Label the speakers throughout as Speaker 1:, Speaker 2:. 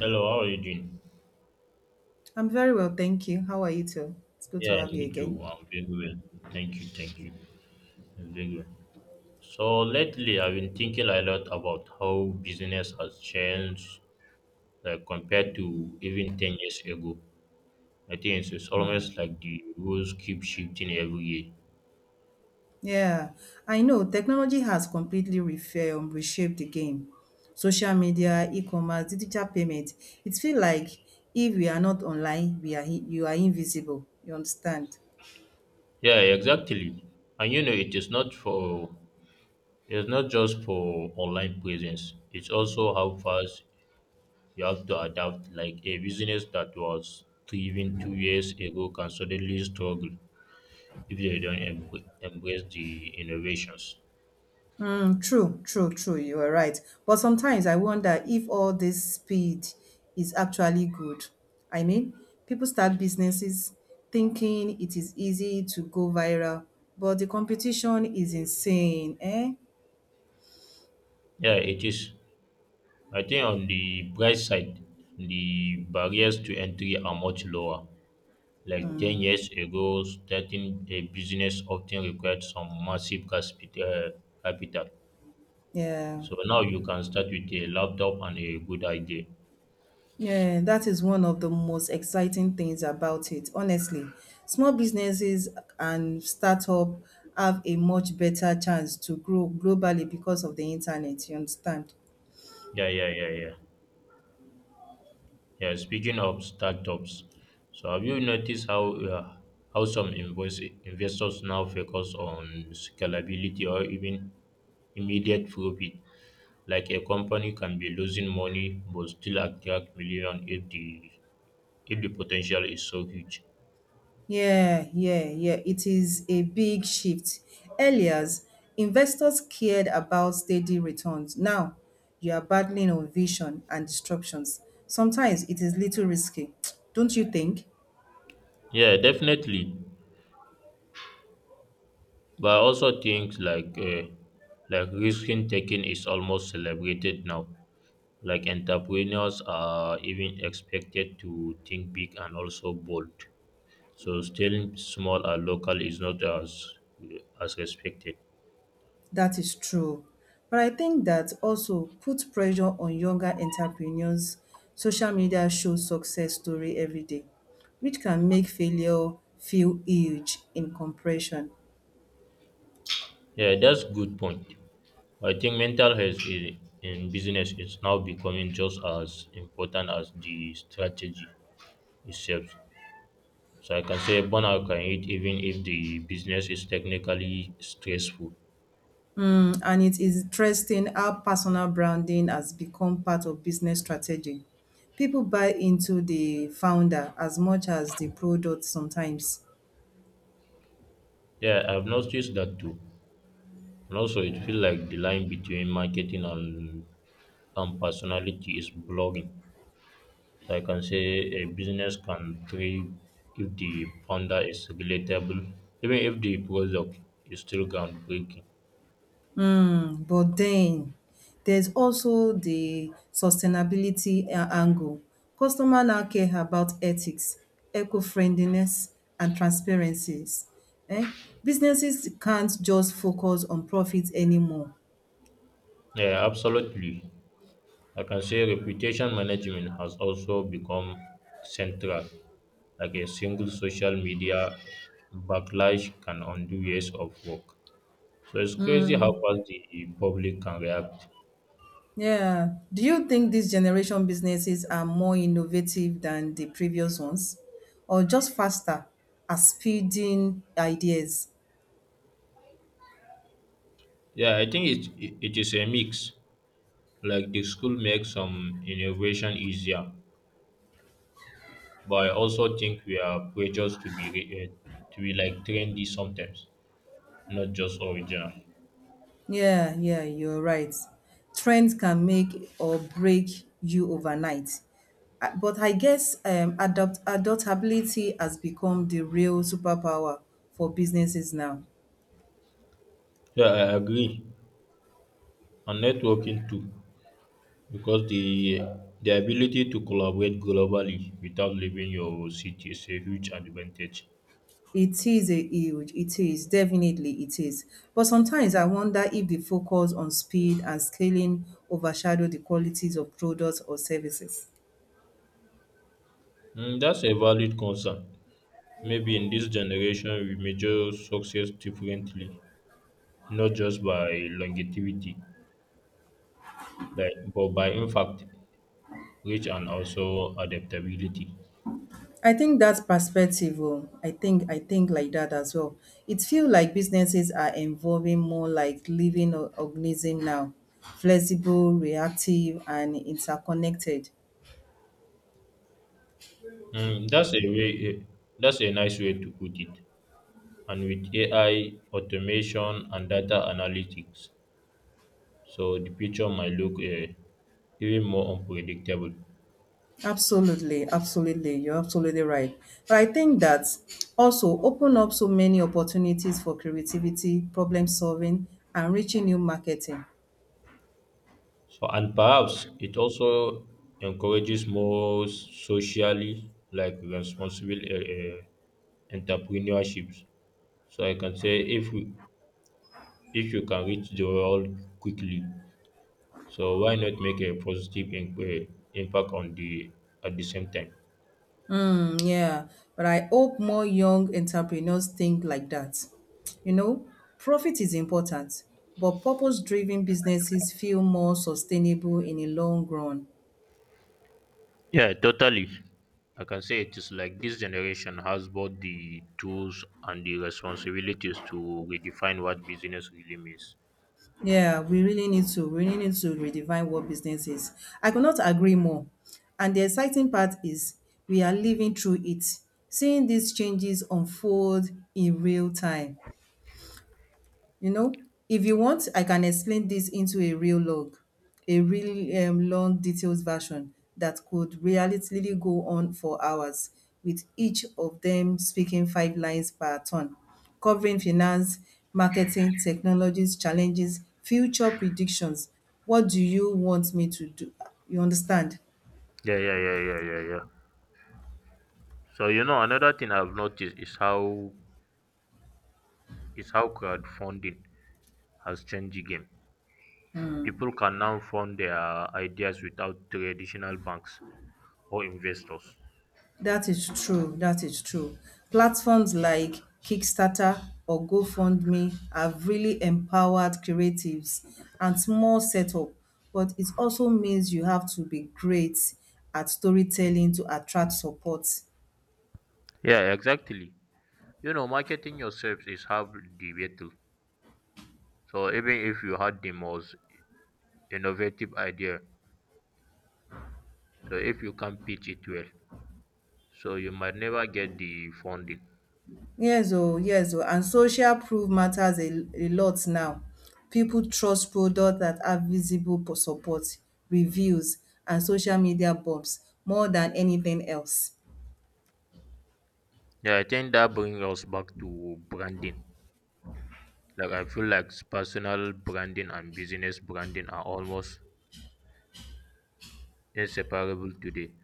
Speaker 1: Hello, how are you doing?
Speaker 2: I'm very well, thank you. How are you too? It's good to
Speaker 1: Yeah,
Speaker 2: have you
Speaker 1: me too.
Speaker 2: again.
Speaker 1: I'm very well. Thank you. I'm doing well. So lately, I've been thinking a lot about how business has changed, like compared to even 10 years ago. I think it's almost
Speaker 2: Hmm.
Speaker 1: like the rules keep shifting every year.
Speaker 2: Yeah, I know technology has completely reshaped the game. Social media, e-commerce, digital payment. It feels like if we are not online, you are invisible. You understand?
Speaker 1: Yeah, exactly. And you know, it's not just for online presence. It's also how fast you have to adapt. Like a business that was thriving 2 years ago can suddenly struggle if they don't embrace the innovations.
Speaker 2: Mm, true, true, true. You are right. But sometimes I wonder if all this speed is actually good. I mean, people start businesses thinking it is easy to go viral, but the competition is insane, eh?
Speaker 1: Yeah, it is. I think on the bright side, the barriers to entry are much lower. Like 10 years ago, starting a business often required some massive capital.
Speaker 2: Yeah.
Speaker 1: So now you can start with a laptop and a good idea.
Speaker 2: Yeah, that is one of the most exciting things about it. Honestly, small businesses and startup have a much better chance to grow globally because of the internet, you understand?
Speaker 1: Yeah. Yeah, speaking of startups, so have you noticed how some investors now focus on scalability or even immediate profit? Like a company can be losing money but still attract million if the potential is so huge.
Speaker 2: Yeah, yeah, yeah. It is a big shift. Earlier, investors cared about steady returns. Now, you are battling on vision and disruptions. Sometimes it is little risky. Don't you think?
Speaker 1: Yeah, definitely. But I also think like risking taking is almost celebrated now. Like entrepreneurs are even expected to think big and also bold. So staying small and local is not as respected.
Speaker 2: That is true. But I think that also puts pressure on younger entrepreneurs. Social media shows success story every day, which can make failure feel huge in comparison.
Speaker 1: Yeah, that's good point. I think mental health in business is now becoming just as important as the strategy itself. So I can say burnout can hit even if the business is technically stressful.
Speaker 2: Mm, and it is interesting how personal branding has become part of business strategy. People buy into the founder as much as the product sometimes.
Speaker 1: Yeah, I've noticed that too. And also it feels like the line between marketing and personality is blurring. So I can say a business can thrive if the founder is relatable, even if the product is still groundbreaking.
Speaker 2: Mm, but then there's also the angle. Customer now care about ethics, eco-friendliness, and transparencies. Eh? Businesses can't just focus on profits anymore.
Speaker 1: Yeah, absolutely. I can say reputation management has also become central. Like a single social media backlash can undo years of work. So it's crazy how fast the public can react.
Speaker 2: Yeah. Do you think these generation businesses are more innovative than the previous ones, or just faster at speeding ideas?
Speaker 1: Yeah, I think it is a mix. Like the school makes some innovation easier, but I also think we are precious to be like trendy sometimes, not just original.
Speaker 2: Yeah, yeah, you're right. Trends can make or break you overnight. But I guess adopt adaptability has become the real superpower for businesses now.
Speaker 1: Yeah, I agree. And networking too, because the ability to collaborate globally without leaving your city is a huge advantage.
Speaker 2: It is a huge, it is, definitely it is. But sometimes I wonder if the focus on speed and scaling overshadow the qualities of products or services.
Speaker 1: Mm, that's a valid concern. Maybe in this generation we measure success differently, not just by longevity, like but by in fact, reach and also adaptability.
Speaker 2: I think that's perspective. Oh, I think like that as well. It feels like businesses are evolving more like living or organism now, flexible, reactive, and interconnected.
Speaker 1: Mm, that's a way. eh, That's a nice way to put it. And with AI automation and data analytics, so the picture might look even more unpredictable.
Speaker 2: Absolutely, you're absolutely right. But I think that also open up so many opportunities for creativity, problem solving, and reaching new marketing.
Speaker 1: So and perhaps it also encourages more socially like responsible uh, entrepreneurships. So I can say if you can reach the world quickly, so why not make a positive impact on the at the same time.
Speaker 2: Mm, yeah. But I hope more young entrepreneurs think like that. You know, profit is important, but purpose driven businesses feel more sustainable in the long run.
Speaker 1: Yeah, totally. I can say it is like this generation has both the tools and the responsibilities to redefine what business really means.
Speaker 2: Yeah, we really need to redefine what business is. I could not agree more. And the exciting part is we are living through it, seeing these changes unfold in real time. You know, if you want I can explain this into a real log, a really long detailed version that could realistically go on for hours, with each of them speaking five lines per turn, covering finance, marketing, technologies, challenges, future predictions. What do you want me to do? You understand?
Speaker 1: Yeah. So you know, another thing I've noticed is how crowdfunding has changed the game. People can now fund their ideas without traditional banks or investors.
Speaker 2: That is true. Platforms like Kickstarter or GoFundMe have really empowered creatives and small setup, but it also means you have to be great at storytelling to attract support.
Speaker 1: Yeah, exactly. You know, marketing yourself is half the battle. So even if you had the most innovative idea, so if you can't pitch it well, so you might never get the funding.
Speaker 2: Yes, oh, yes, oh. And social proof matters a lot now. People trust products that have support, reviews, and social media bumps more than anything else.
Speaker 1: Yeah, I think that brings us back to branding. Like I feel like personal branding and business branding are almost inseparable today.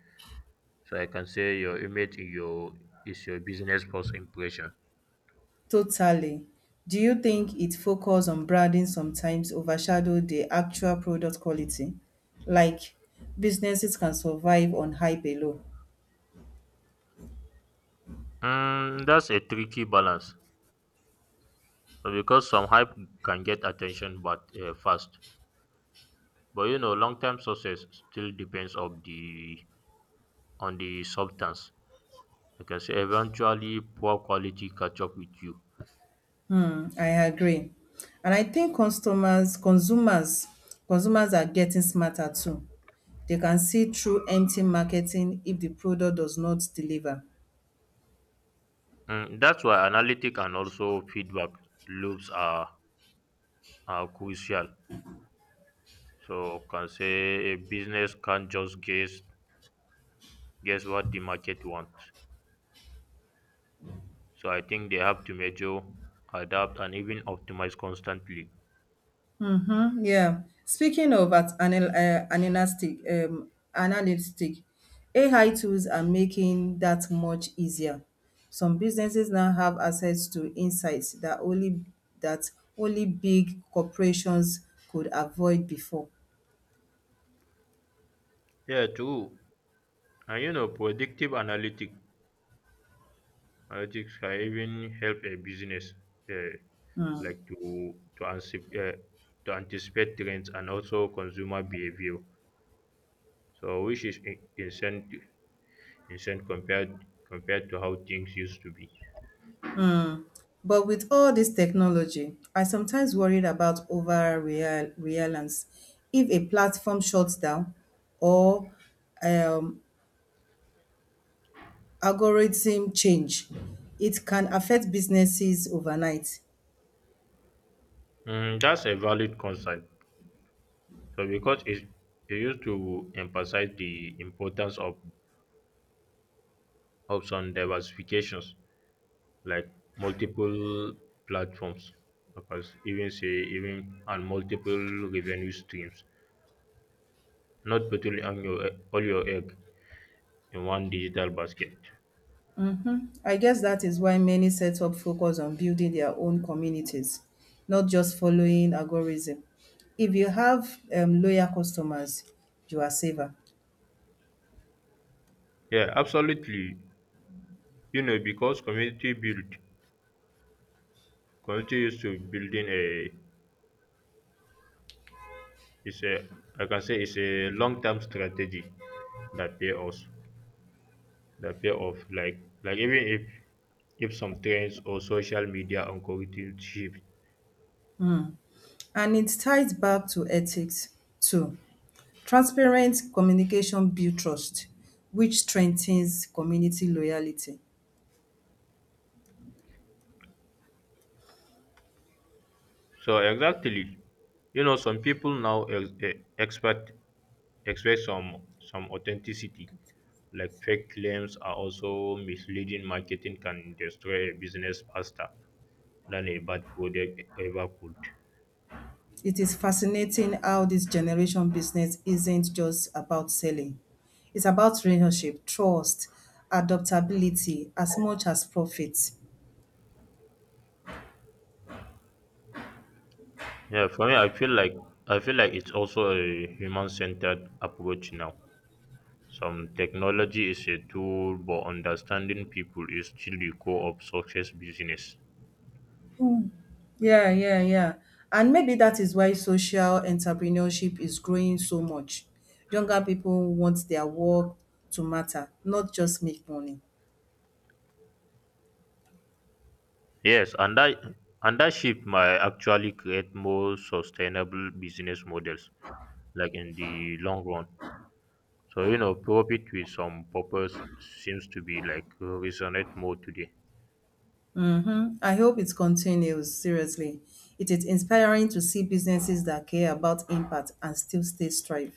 Speaker 1: So I can say your image in your is your business first impression.
Speaker 2: Totally. Do you think its focus on branding sometimes overshadows the actual product quality? Like, businesses can survive on hype alone.
Speaker 1: Mm, that's a tricky balance because some hype can get attention but fast. But you know, long-term success still depends of the on the substance, because eventually poor quality catch up with you.
Speaker 2: Hmm, I agree. And I think consumers are getting smarter too. They can see through empty marketing if the product does not deliver.
Speaker 1: Mm, that's why analytic and also feedback loops are crucial. So can say a business can't just guess what the market wants. So I think they have to measure, adapt, and even optimize constantly.
Speaker 2: Mhm, yeah. Speaking of analytic, AI tools are making that much easier. Some businesses now have access to insights that that only big corporations could avoid before.
Speaker 1: Yeah, true. And you know, predictive analytics can even help a business, uh, like to anticipate trends and also consumer behavior. So which is insane insane compared compared to how things used to be.
Speaker 2: But with all this technology, I sometimes worried about over reliance. If a platform shuts down or um algorithm change, it can affect businesses overnight.
Speaker 1: Mm, that's a valid concern. So because it used to emphasize the importance of some diversifications like multiple platforms, because even say even and multiple revenue streams, not putting on your all your egg in one digital basket.
Speaker 2: I guess that is why many setup focus on building their own communities, not just following algorithm. If you have loyal customers, you are safer.
Speaker 1: Yeah, absolutely. You know, because community used to building a it's a I can say it's a long term strategy that pay us that pay off like even if some trends or social media algorithm shift.
Speaker 2: Hmm. And it ties back to ethics too. Transparent communication builds trust, which strengthens community loyalty.
Speaker 1: So exactly, you know some people now expect expect some some authenticity, like fake claims are also misleading marketing can destroy a business faster than a bad product ever could.
Speaker 2: It is fascinating how this generation business isn't just about selling. It's about relationship, trust, adaptability as much as profit.
Speaker 1: For me, I feel like it's also a human centered approach now. Some technology is a tool, but understanding people is still the core of success business.
Speaker 2: Yeah, yeah, yeah. And maybe that is why social entrepreneurship is growing so much. Younger people want their work to matter, not just make money.
Speaker 1: Yes, and that shift might actually create more sustainable business models, like in the long run. So you know, profit with some purpose seems to be like resonate more today.
Speaker 2: Mm-hmm. I hope it continues, seriously. It is inspiring to see businesses that care about impact and still stay strive.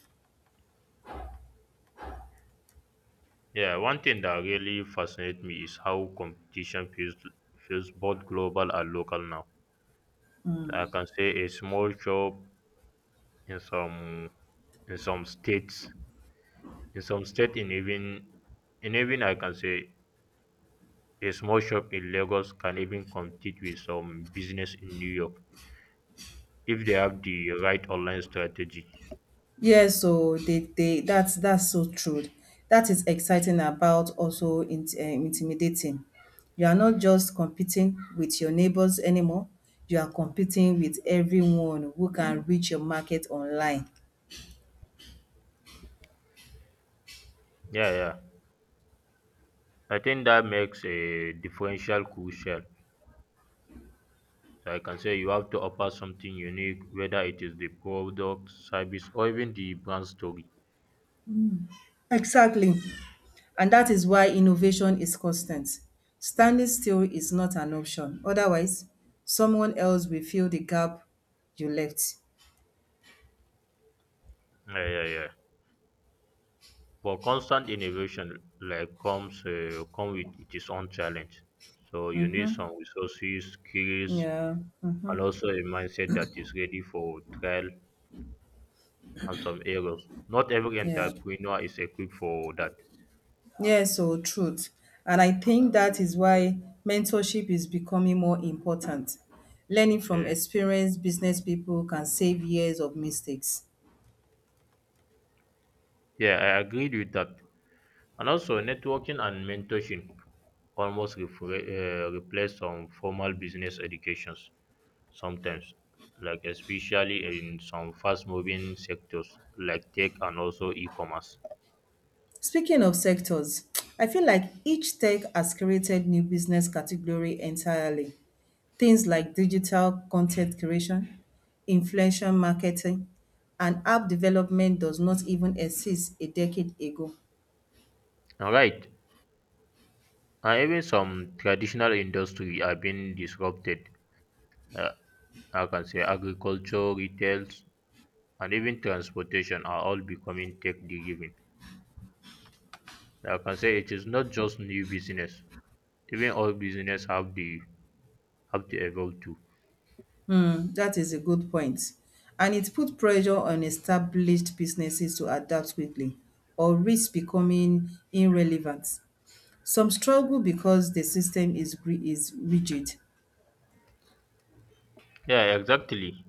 Speaker 1: Yeah, one thing that really fascinates me is how competition feels both global and local now. I can say a small shop in some in some states In some states in even I can say a small shop in Lagos can even compete with some business in New York if they have the right online strategy.
Speaker 2: Yes, so they that's so true. That is exciting about also intimidating. You are not just competing with your neighbors anymore, you are competing with everyone who can reach your market online.
Speaker 1: Yeah, yeah. I think that makes a differential crucial. So I can say you have to offer something unique, whether it is the product, service, or even the brand story.
Speaker 2: Exactly. And that is why innovation is constant. Standing still is not an option. Otherwise, someone else will fill the gap you left.
Speaker 1: Yeah. But constant innovation like come with its own challenge. So you need some resources, skills,
Speaker 2: Yeah.
Speaker 1: and
Speaker 2: Mhm.
Speaker 1: also a mindset that is ready for trial and some errors. Not every
Speaker 2: Yeah.
Speaker 1: entrepreneur is equipped for that.
Speaker 2: Yes, so truth. And I think that is why mentorship is becoming more important. Learning from
Speaker 1: Eh,
Speaker 2: experienced business people can save years of mistakes.
Speaker 1: yeah, I agreed with that. And also, networking and mentorship almost replace some formal business educations sometimes, like especially in some fast-moving sectors like tech and also e-commerce.
Speaker 2: Speaking of sectors, I feel like each tech has created new business category entirely. Things like digital content creation, influencer marketing, and app development does not even exist a decade ago.
Speaker 1: All right, and even some traditional industry are being disrupted. Uh, I can say agriculture, retails, and even transportation are all becoming tech driven. Like I can say it is not just new business. Even old business have the have to evolve too.
Speaker 2: Hmm, that is a good point. And it put pressure on established businesses to adapt quickly or risk becoming irrelevant. Some struggle because the system is rigid,
Speaker 1: Yeah, exactly. Like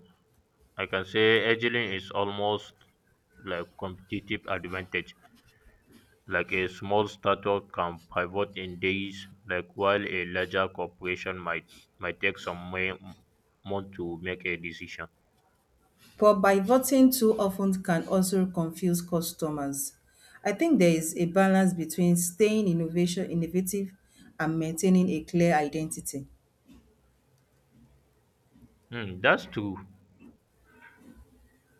Speaker 1: I can say agility is almost like competitive advantage. Like a small startup can pivot in days, like while a larger corporation might take some months to make a decision.
Speaker 2: but pivoting too often can also confuse customers. I think there is a balance between staying innovation innovative and maintaining a clear identity.
Speaker 1: Hmm, that's true.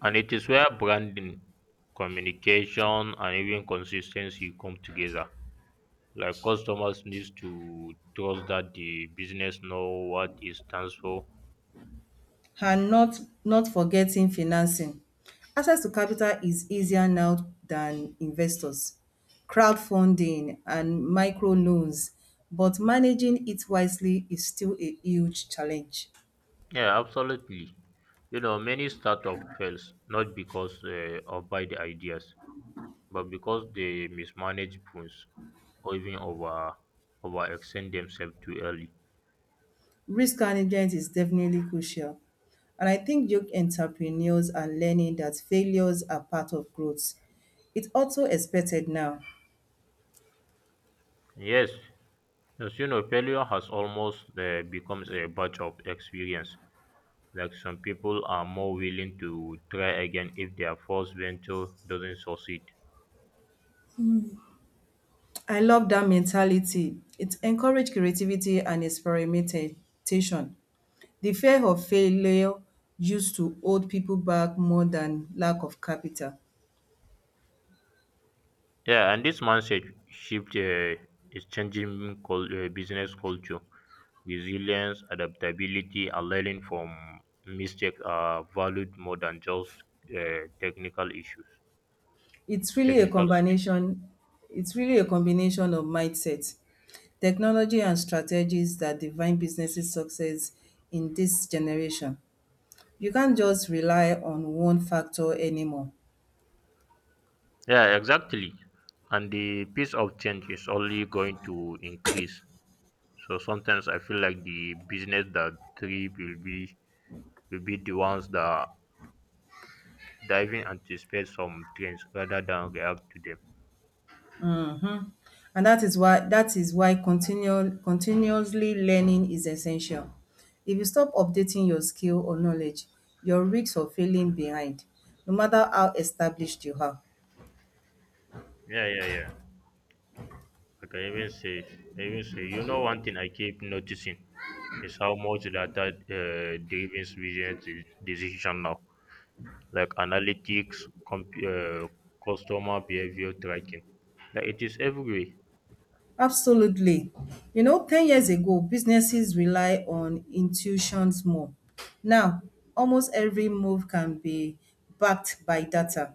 Speaker 1: And it is where branding, communication, and even consistency come together. Like customers needs to trust that the business know what it stands for.
Speaker 2: And not forgetting financing. Access to capital is easier now than investors, crowdfunding, and microloans, but managing it wisely is still a huge challenge.
Speaker 1: Yeah, absolutely. You know, many startup fails not because of bad ideas, but because they mismanage funds or even over overextend themselves too early.
Speaker 2: Risk management is definitely crucial, and I think young entrepreneurs are learning that failures are part of growth. It's also expected now.
Speaker 1: Yes, as you know, failure has almost becomes a batch of experience. Like some people are more willing to try again if their first venture doesn't succeed.
Speaker 2: I love that mentality. It encourages creativity and experimentation. The fear of failure used to hold people back more than lack of capital.
Speaker 1: Yeah, and this mindset shift is changing business culture. Resilience, adaptability, and learning from mistakes are valued more than just uh, technical issues,
Speaker 2: It's really a
Speaker 1: technical skills.
Speaker 2: combination it's really a combination of mindset, technology and strategies that define businesses success in this generation. You can't just rely on one factor anymore.
Speaker 1: Yeah, exactly. And the pace of change is only going to increase. So sometimes I feel like the business that thrive will be the ones that diving anticipate some trends rather than react to them.
Speaker 2: Mhm. And that is why continual continuously learning is essential. If you stop updating your skill or knowledge, your risk of failing behind, no matter how established you are.
Speaker 1: Yeah. I can even say, I even say, you know, one thing I keep noticing is how much data driven business decision now, like analytics, customer behavior tracking. Like it is everywhere.
Speaker 2: Absolutely. You know, 10 years ago, businesses rely on intuitions more. Now, almost every move can be backed by data.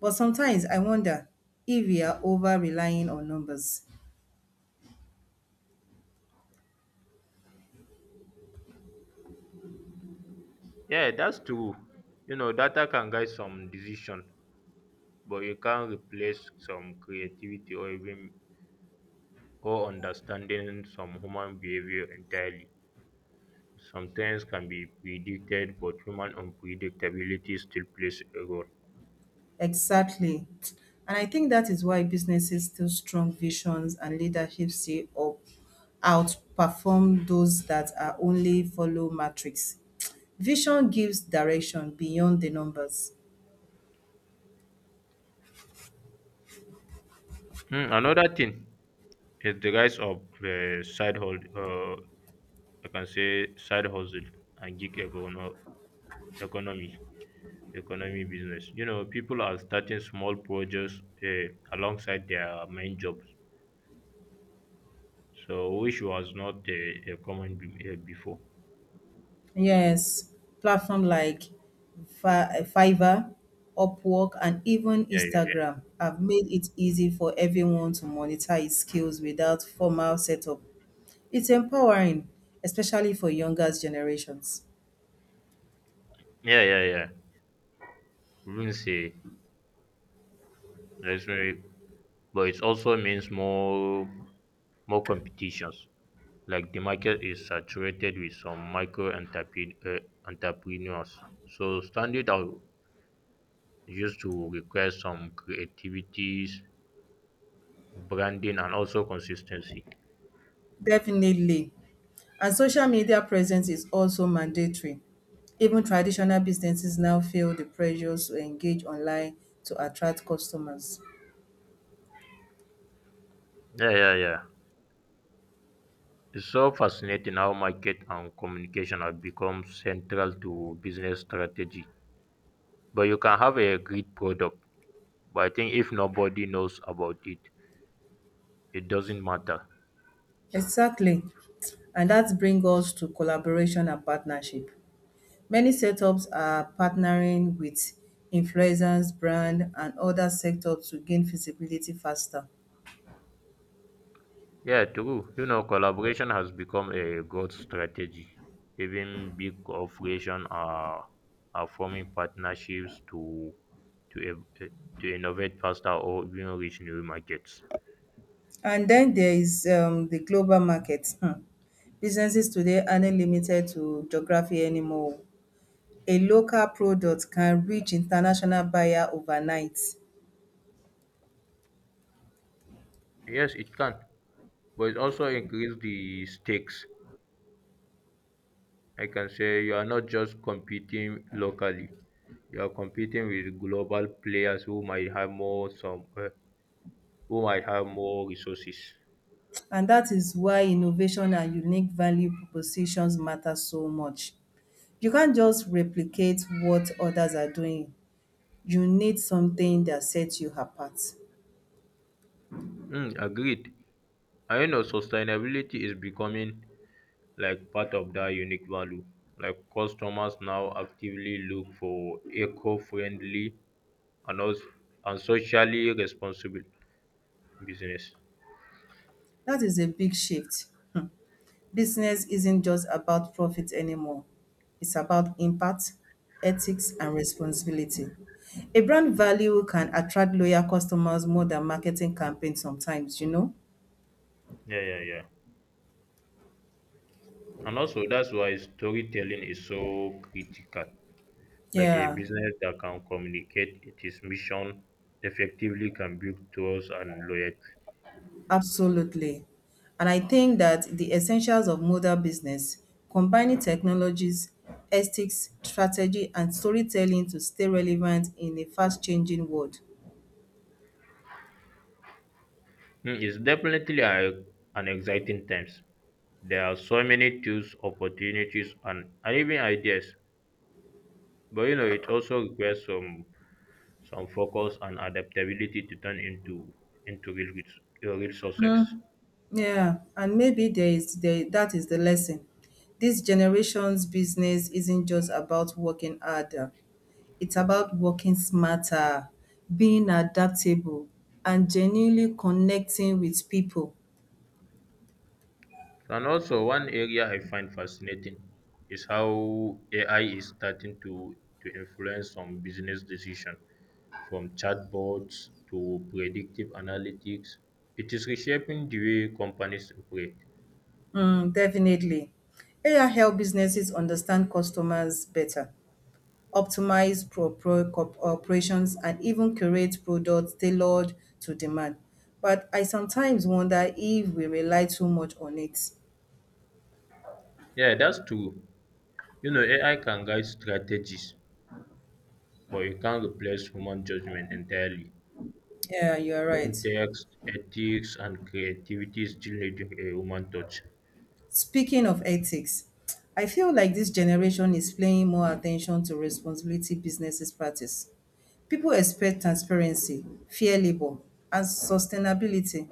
Speaker 2: But sometimes I wonder if we are over relying on numbers.
Speaker 1: Yeah, that's true. You know, data can guide some decision, but it can replace some creativity or even or understanding some human behavior entirely. Sometimes can be predicted, but human unpredictability still plays a role.
Speaker 2: Exactly. And I think that is why businesses still strong visions and leadership see up, outperform those that are only follow metrics. Vision gives direction beyond the numbers.
Speaker 1: Hmm, another thing is the rise of I can say side hustle and economy, economy business. You know, people are starting small projects alongside their main jobs, so which was not a common before.
Speaker 2: Yes, platform like Fiverr, Upwork, and even
Speaker 1: Yeah, yeah,
Speaker 2: Instagram have made it easy for everyone to monetize skills without formal setup. It's empowering, especially for younger generations.
Speaker 1: yeah. Wouldn't say that's very, but it also means more competitions, like the market is saturated with some entrepreneurs, so standing out used to require some creativities, branding, and also consistency.
Speaker 2: Definitely. And social media presence is also mandatory. Even traditional businesses now feel the pressures to engage online to attract customers.
Speaker 1: Yeah, yeah, yeah, it's so fascinating how market and communication have become central to business strategy. But you can have a great product, but I think if nobody knows about it, it doesn't matter.
Speaker 2: Exactly. And that brings us to collaboration and partnership. Many setups are partnering with influencers, brand, and other sectors to gain visibility faster.
Speaker 1: Yeah, true. You know, collaboration has become a growth strategy. Even big corporations are forming partnerships to ev- eh, to innovate faster or even reach new markets.
Speaker 2: And then there is the global market. Hmm. Businesses today aren't limited to geography anymore. A local product can reach international buyer overnight.
Speaker 1: Yes, it can, but it also increase the stakes. I can say you are not just competing locally; you are competing with global players who might have more resources.
Speaker 2: And that is why innovation and unique value propositions matter so much. You can't just replicate what others are doing. You need something that sets you apart.
Speaker 1: Mm, agreed. I know sustainability is becoming like part of that unique value. Like customers now actively look for eco-friendly and also and socially responsible business.
Speaker 2: That is a big shift. Business isn't just about profit anymore. It's about impact, ethics, and responsibility. A brand value can attract loyal customers more than marketing campaigns sometimes, you know?
Speaker 1: Yeah, yeah, yeah. And also that's why storytelling is so critical. Like a
Speaker 2: Yeah.
Speaker 1: business that can communicate its mission effectively can build trust and loyalty.
Speaker 2: Absolutely. And I think that the essentials of modern business, combining technologies, ethics, strategy, and storytelling to stay relevant in a fast changing world.
Speaker 1: Mm, it's definitely an exciting times. There are so many tools, opportunities, and even ideas. But you know, it also requires some focus and adaptability to turn into real success.
Speaker 2: Yeah, and maybe that is the lesson. This generation's business isn't just about working harder. It's about working smarter, being adaptable, and genuinely connecting with people.
Speaker 1: And also one area I find fascinating is how AI is starting to influence some business decisions, from chatbots to predictive analytics. It is reshaping the way companies operate.
Speaker 2: Mm, definitely. AI help businesses understand customers better, optimize operations, and even create products tailored to demand. But I sometimes wonder if we rely too much on it.
Speaker 1: Yeah, that's true. You know, AI can guide strategies, but it can't replace human judgment entirely.
Speaker 2: Yeah, you're right.
Speaker 1: Context, ethics, and creativity still need a human touch.
Speaker 2: Speaking of ethics, I feel like this generation is paying more attention to responsibility businesses practice. People expect transparency, fair labor, and sustainability.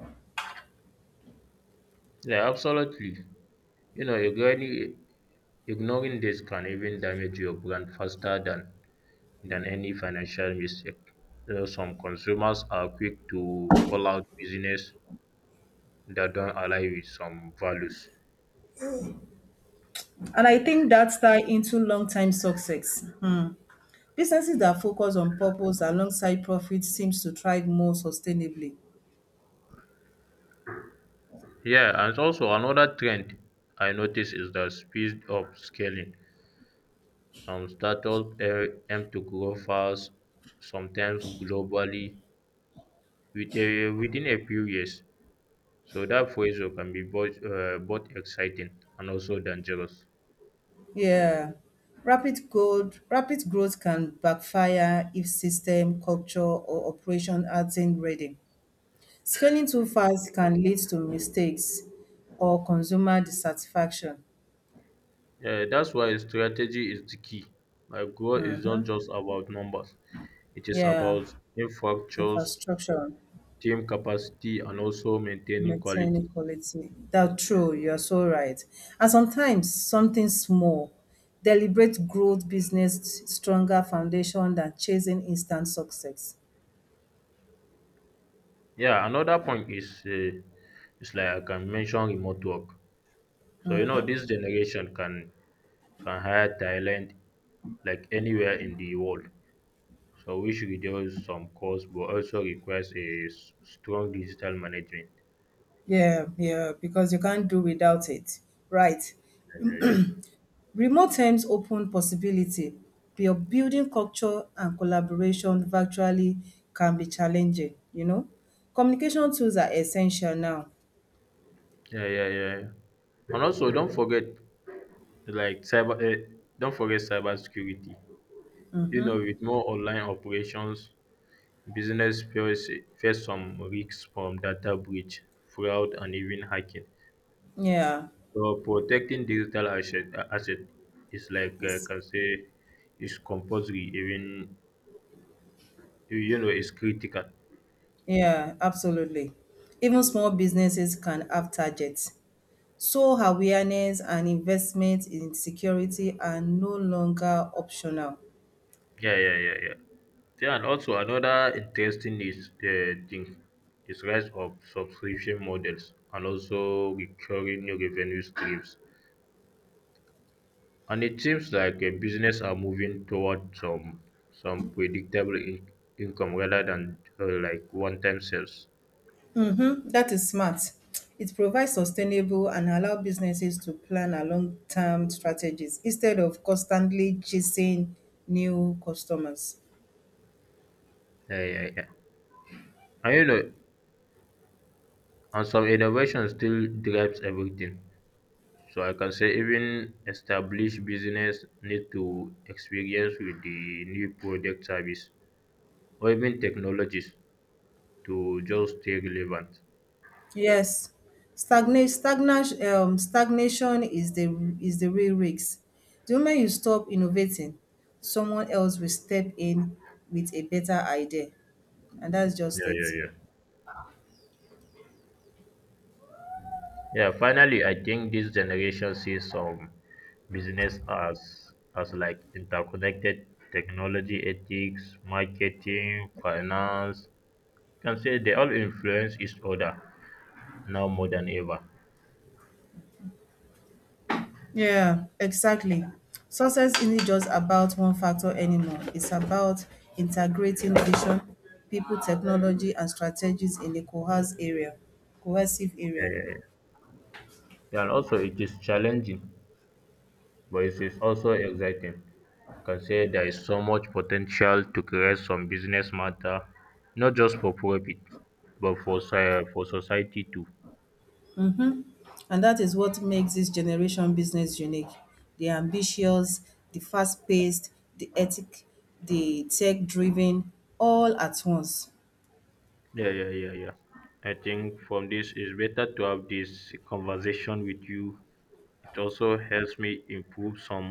Speaker 1: Yeah, absolutely. You know, ignoring this can even damage your brand faster than any financial mistake. You know, some consumers are quick to call out business that don't align with some values.
Speaker 2: And I think that's tied into long-time success. Mm. Businesses that focus on purpose alongside profit seems to thrive more sustainably.
Speaker 1: Yeah, and also another trend I notice is the speed of scaling. Some startups aim to grow fast, sometimes globally, within a few years. So that pressure can be both exciting and also dangerous.
Speaker 2: Yeah. Rapid growth can backfire if system, culture, or operation aren't ready. Scaling too fast can lead to mistakes or consumer dissatisfaction.
Speaker 1: Yeah, that's why strategy is the key. Like growth is not just about numbers; it is
Speaker 2: Yeah,
Speaker 1: about infrastructures,
Speaker 2: infrastructure.
Speaker 1: team capacity, and also maintaining quality.
Speaker 2: Maintaining quality. That's true. You're so right. And sometimes something small, deliberate growth, business stronger foundation than chasing instant success.
Speaker 1: Yeah, another point is like I can mention remote work. So you know this generation can hire talent like anywhere in the world. So which reduce some costs, but also requires a strong digital management.
Speaker 2: Yeah, yeah, because you can't do without it. Right.
Speaker 1: Yeah,
Speaker 2: Remote terms open possibility. Your building culture and collaboration virtually can be challenging, you know. Communication tools are essential now.
Speaker 1: yeah, yeah. yeah. And also, don't forget like cyber. Don't forget cyber security. You know, with more online operations, business face some risks from data breach, fraud, and even hacking.
Speaker 2: Yeah.
Speaker 1: So protecting digital asset is
Speaker 2: It's
Speaker 1: can say is compulsory. Even you know, is critical.
Speaker 2: yeah, absolutely. Even small businesses can have targets. So awareness and investment in security are no longer optional.
Speaker 1: Yeah, yeah, yeah, yeah. Yeah, and also another interesting is thing is rise of subscription models and also recurring new revenue streams. And it seems like a business are moving toward some predictable income rather than like one-time sales.
Speaker 2: Mm-hmm. That is smart. It provides sustainable and allow businesses to plan a long-term strategies instead of constantly chasing new customers.
Speaker 1: Yeah, yeah, yeah. And you know, and some innovation still drives everything. So I can say even established business need to experience with the new product service or even technologies to just stay relevant.
Speaker 2: Yes, stagnation is the real risk. The moment you stop innovating, someone else will step in with a better idea, and that's just
Speaker 1: Yeah, yeah,
Speaker 2: it.
Speaker 1: yeah. Yeah, finally, I think this generation sees some business as like interconnected technology, ethics, marketing, finance. Can say they all influence each other now more than ever.
Speaker 2: Yeah, exactly. Success isn't just about one factor anymore. It's about integrating vision, people, technology, and strategies in a cohesive
Speaker 1: Yeah,
Speaker 2: area.
Speaker 1: yeah, yeah. And also, it is challenging, but it is also exciting. Can say there is so much potential to create some business matter not just for profit but for society too.
Speaker 2: And that is what makes this generation business unique. The ambitious, the fast paced, the ethic, the tech driven, all at once.
Speaker 1: Yeah, yeah, yeah, yeah. I think from this it's better to have this conversation with you. It also helps me improve some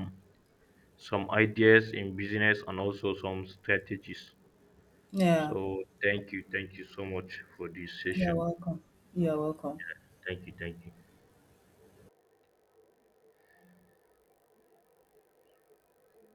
Speaker 1: some ideas in business and also some strategies.
Speaker 2: Yeah,
Speaker 1: So thank you so much for this
Speaker 2: you're
Speaker 1: session.
Speaker 2: welcome. You're welcome.
Speaker 1: Thank you.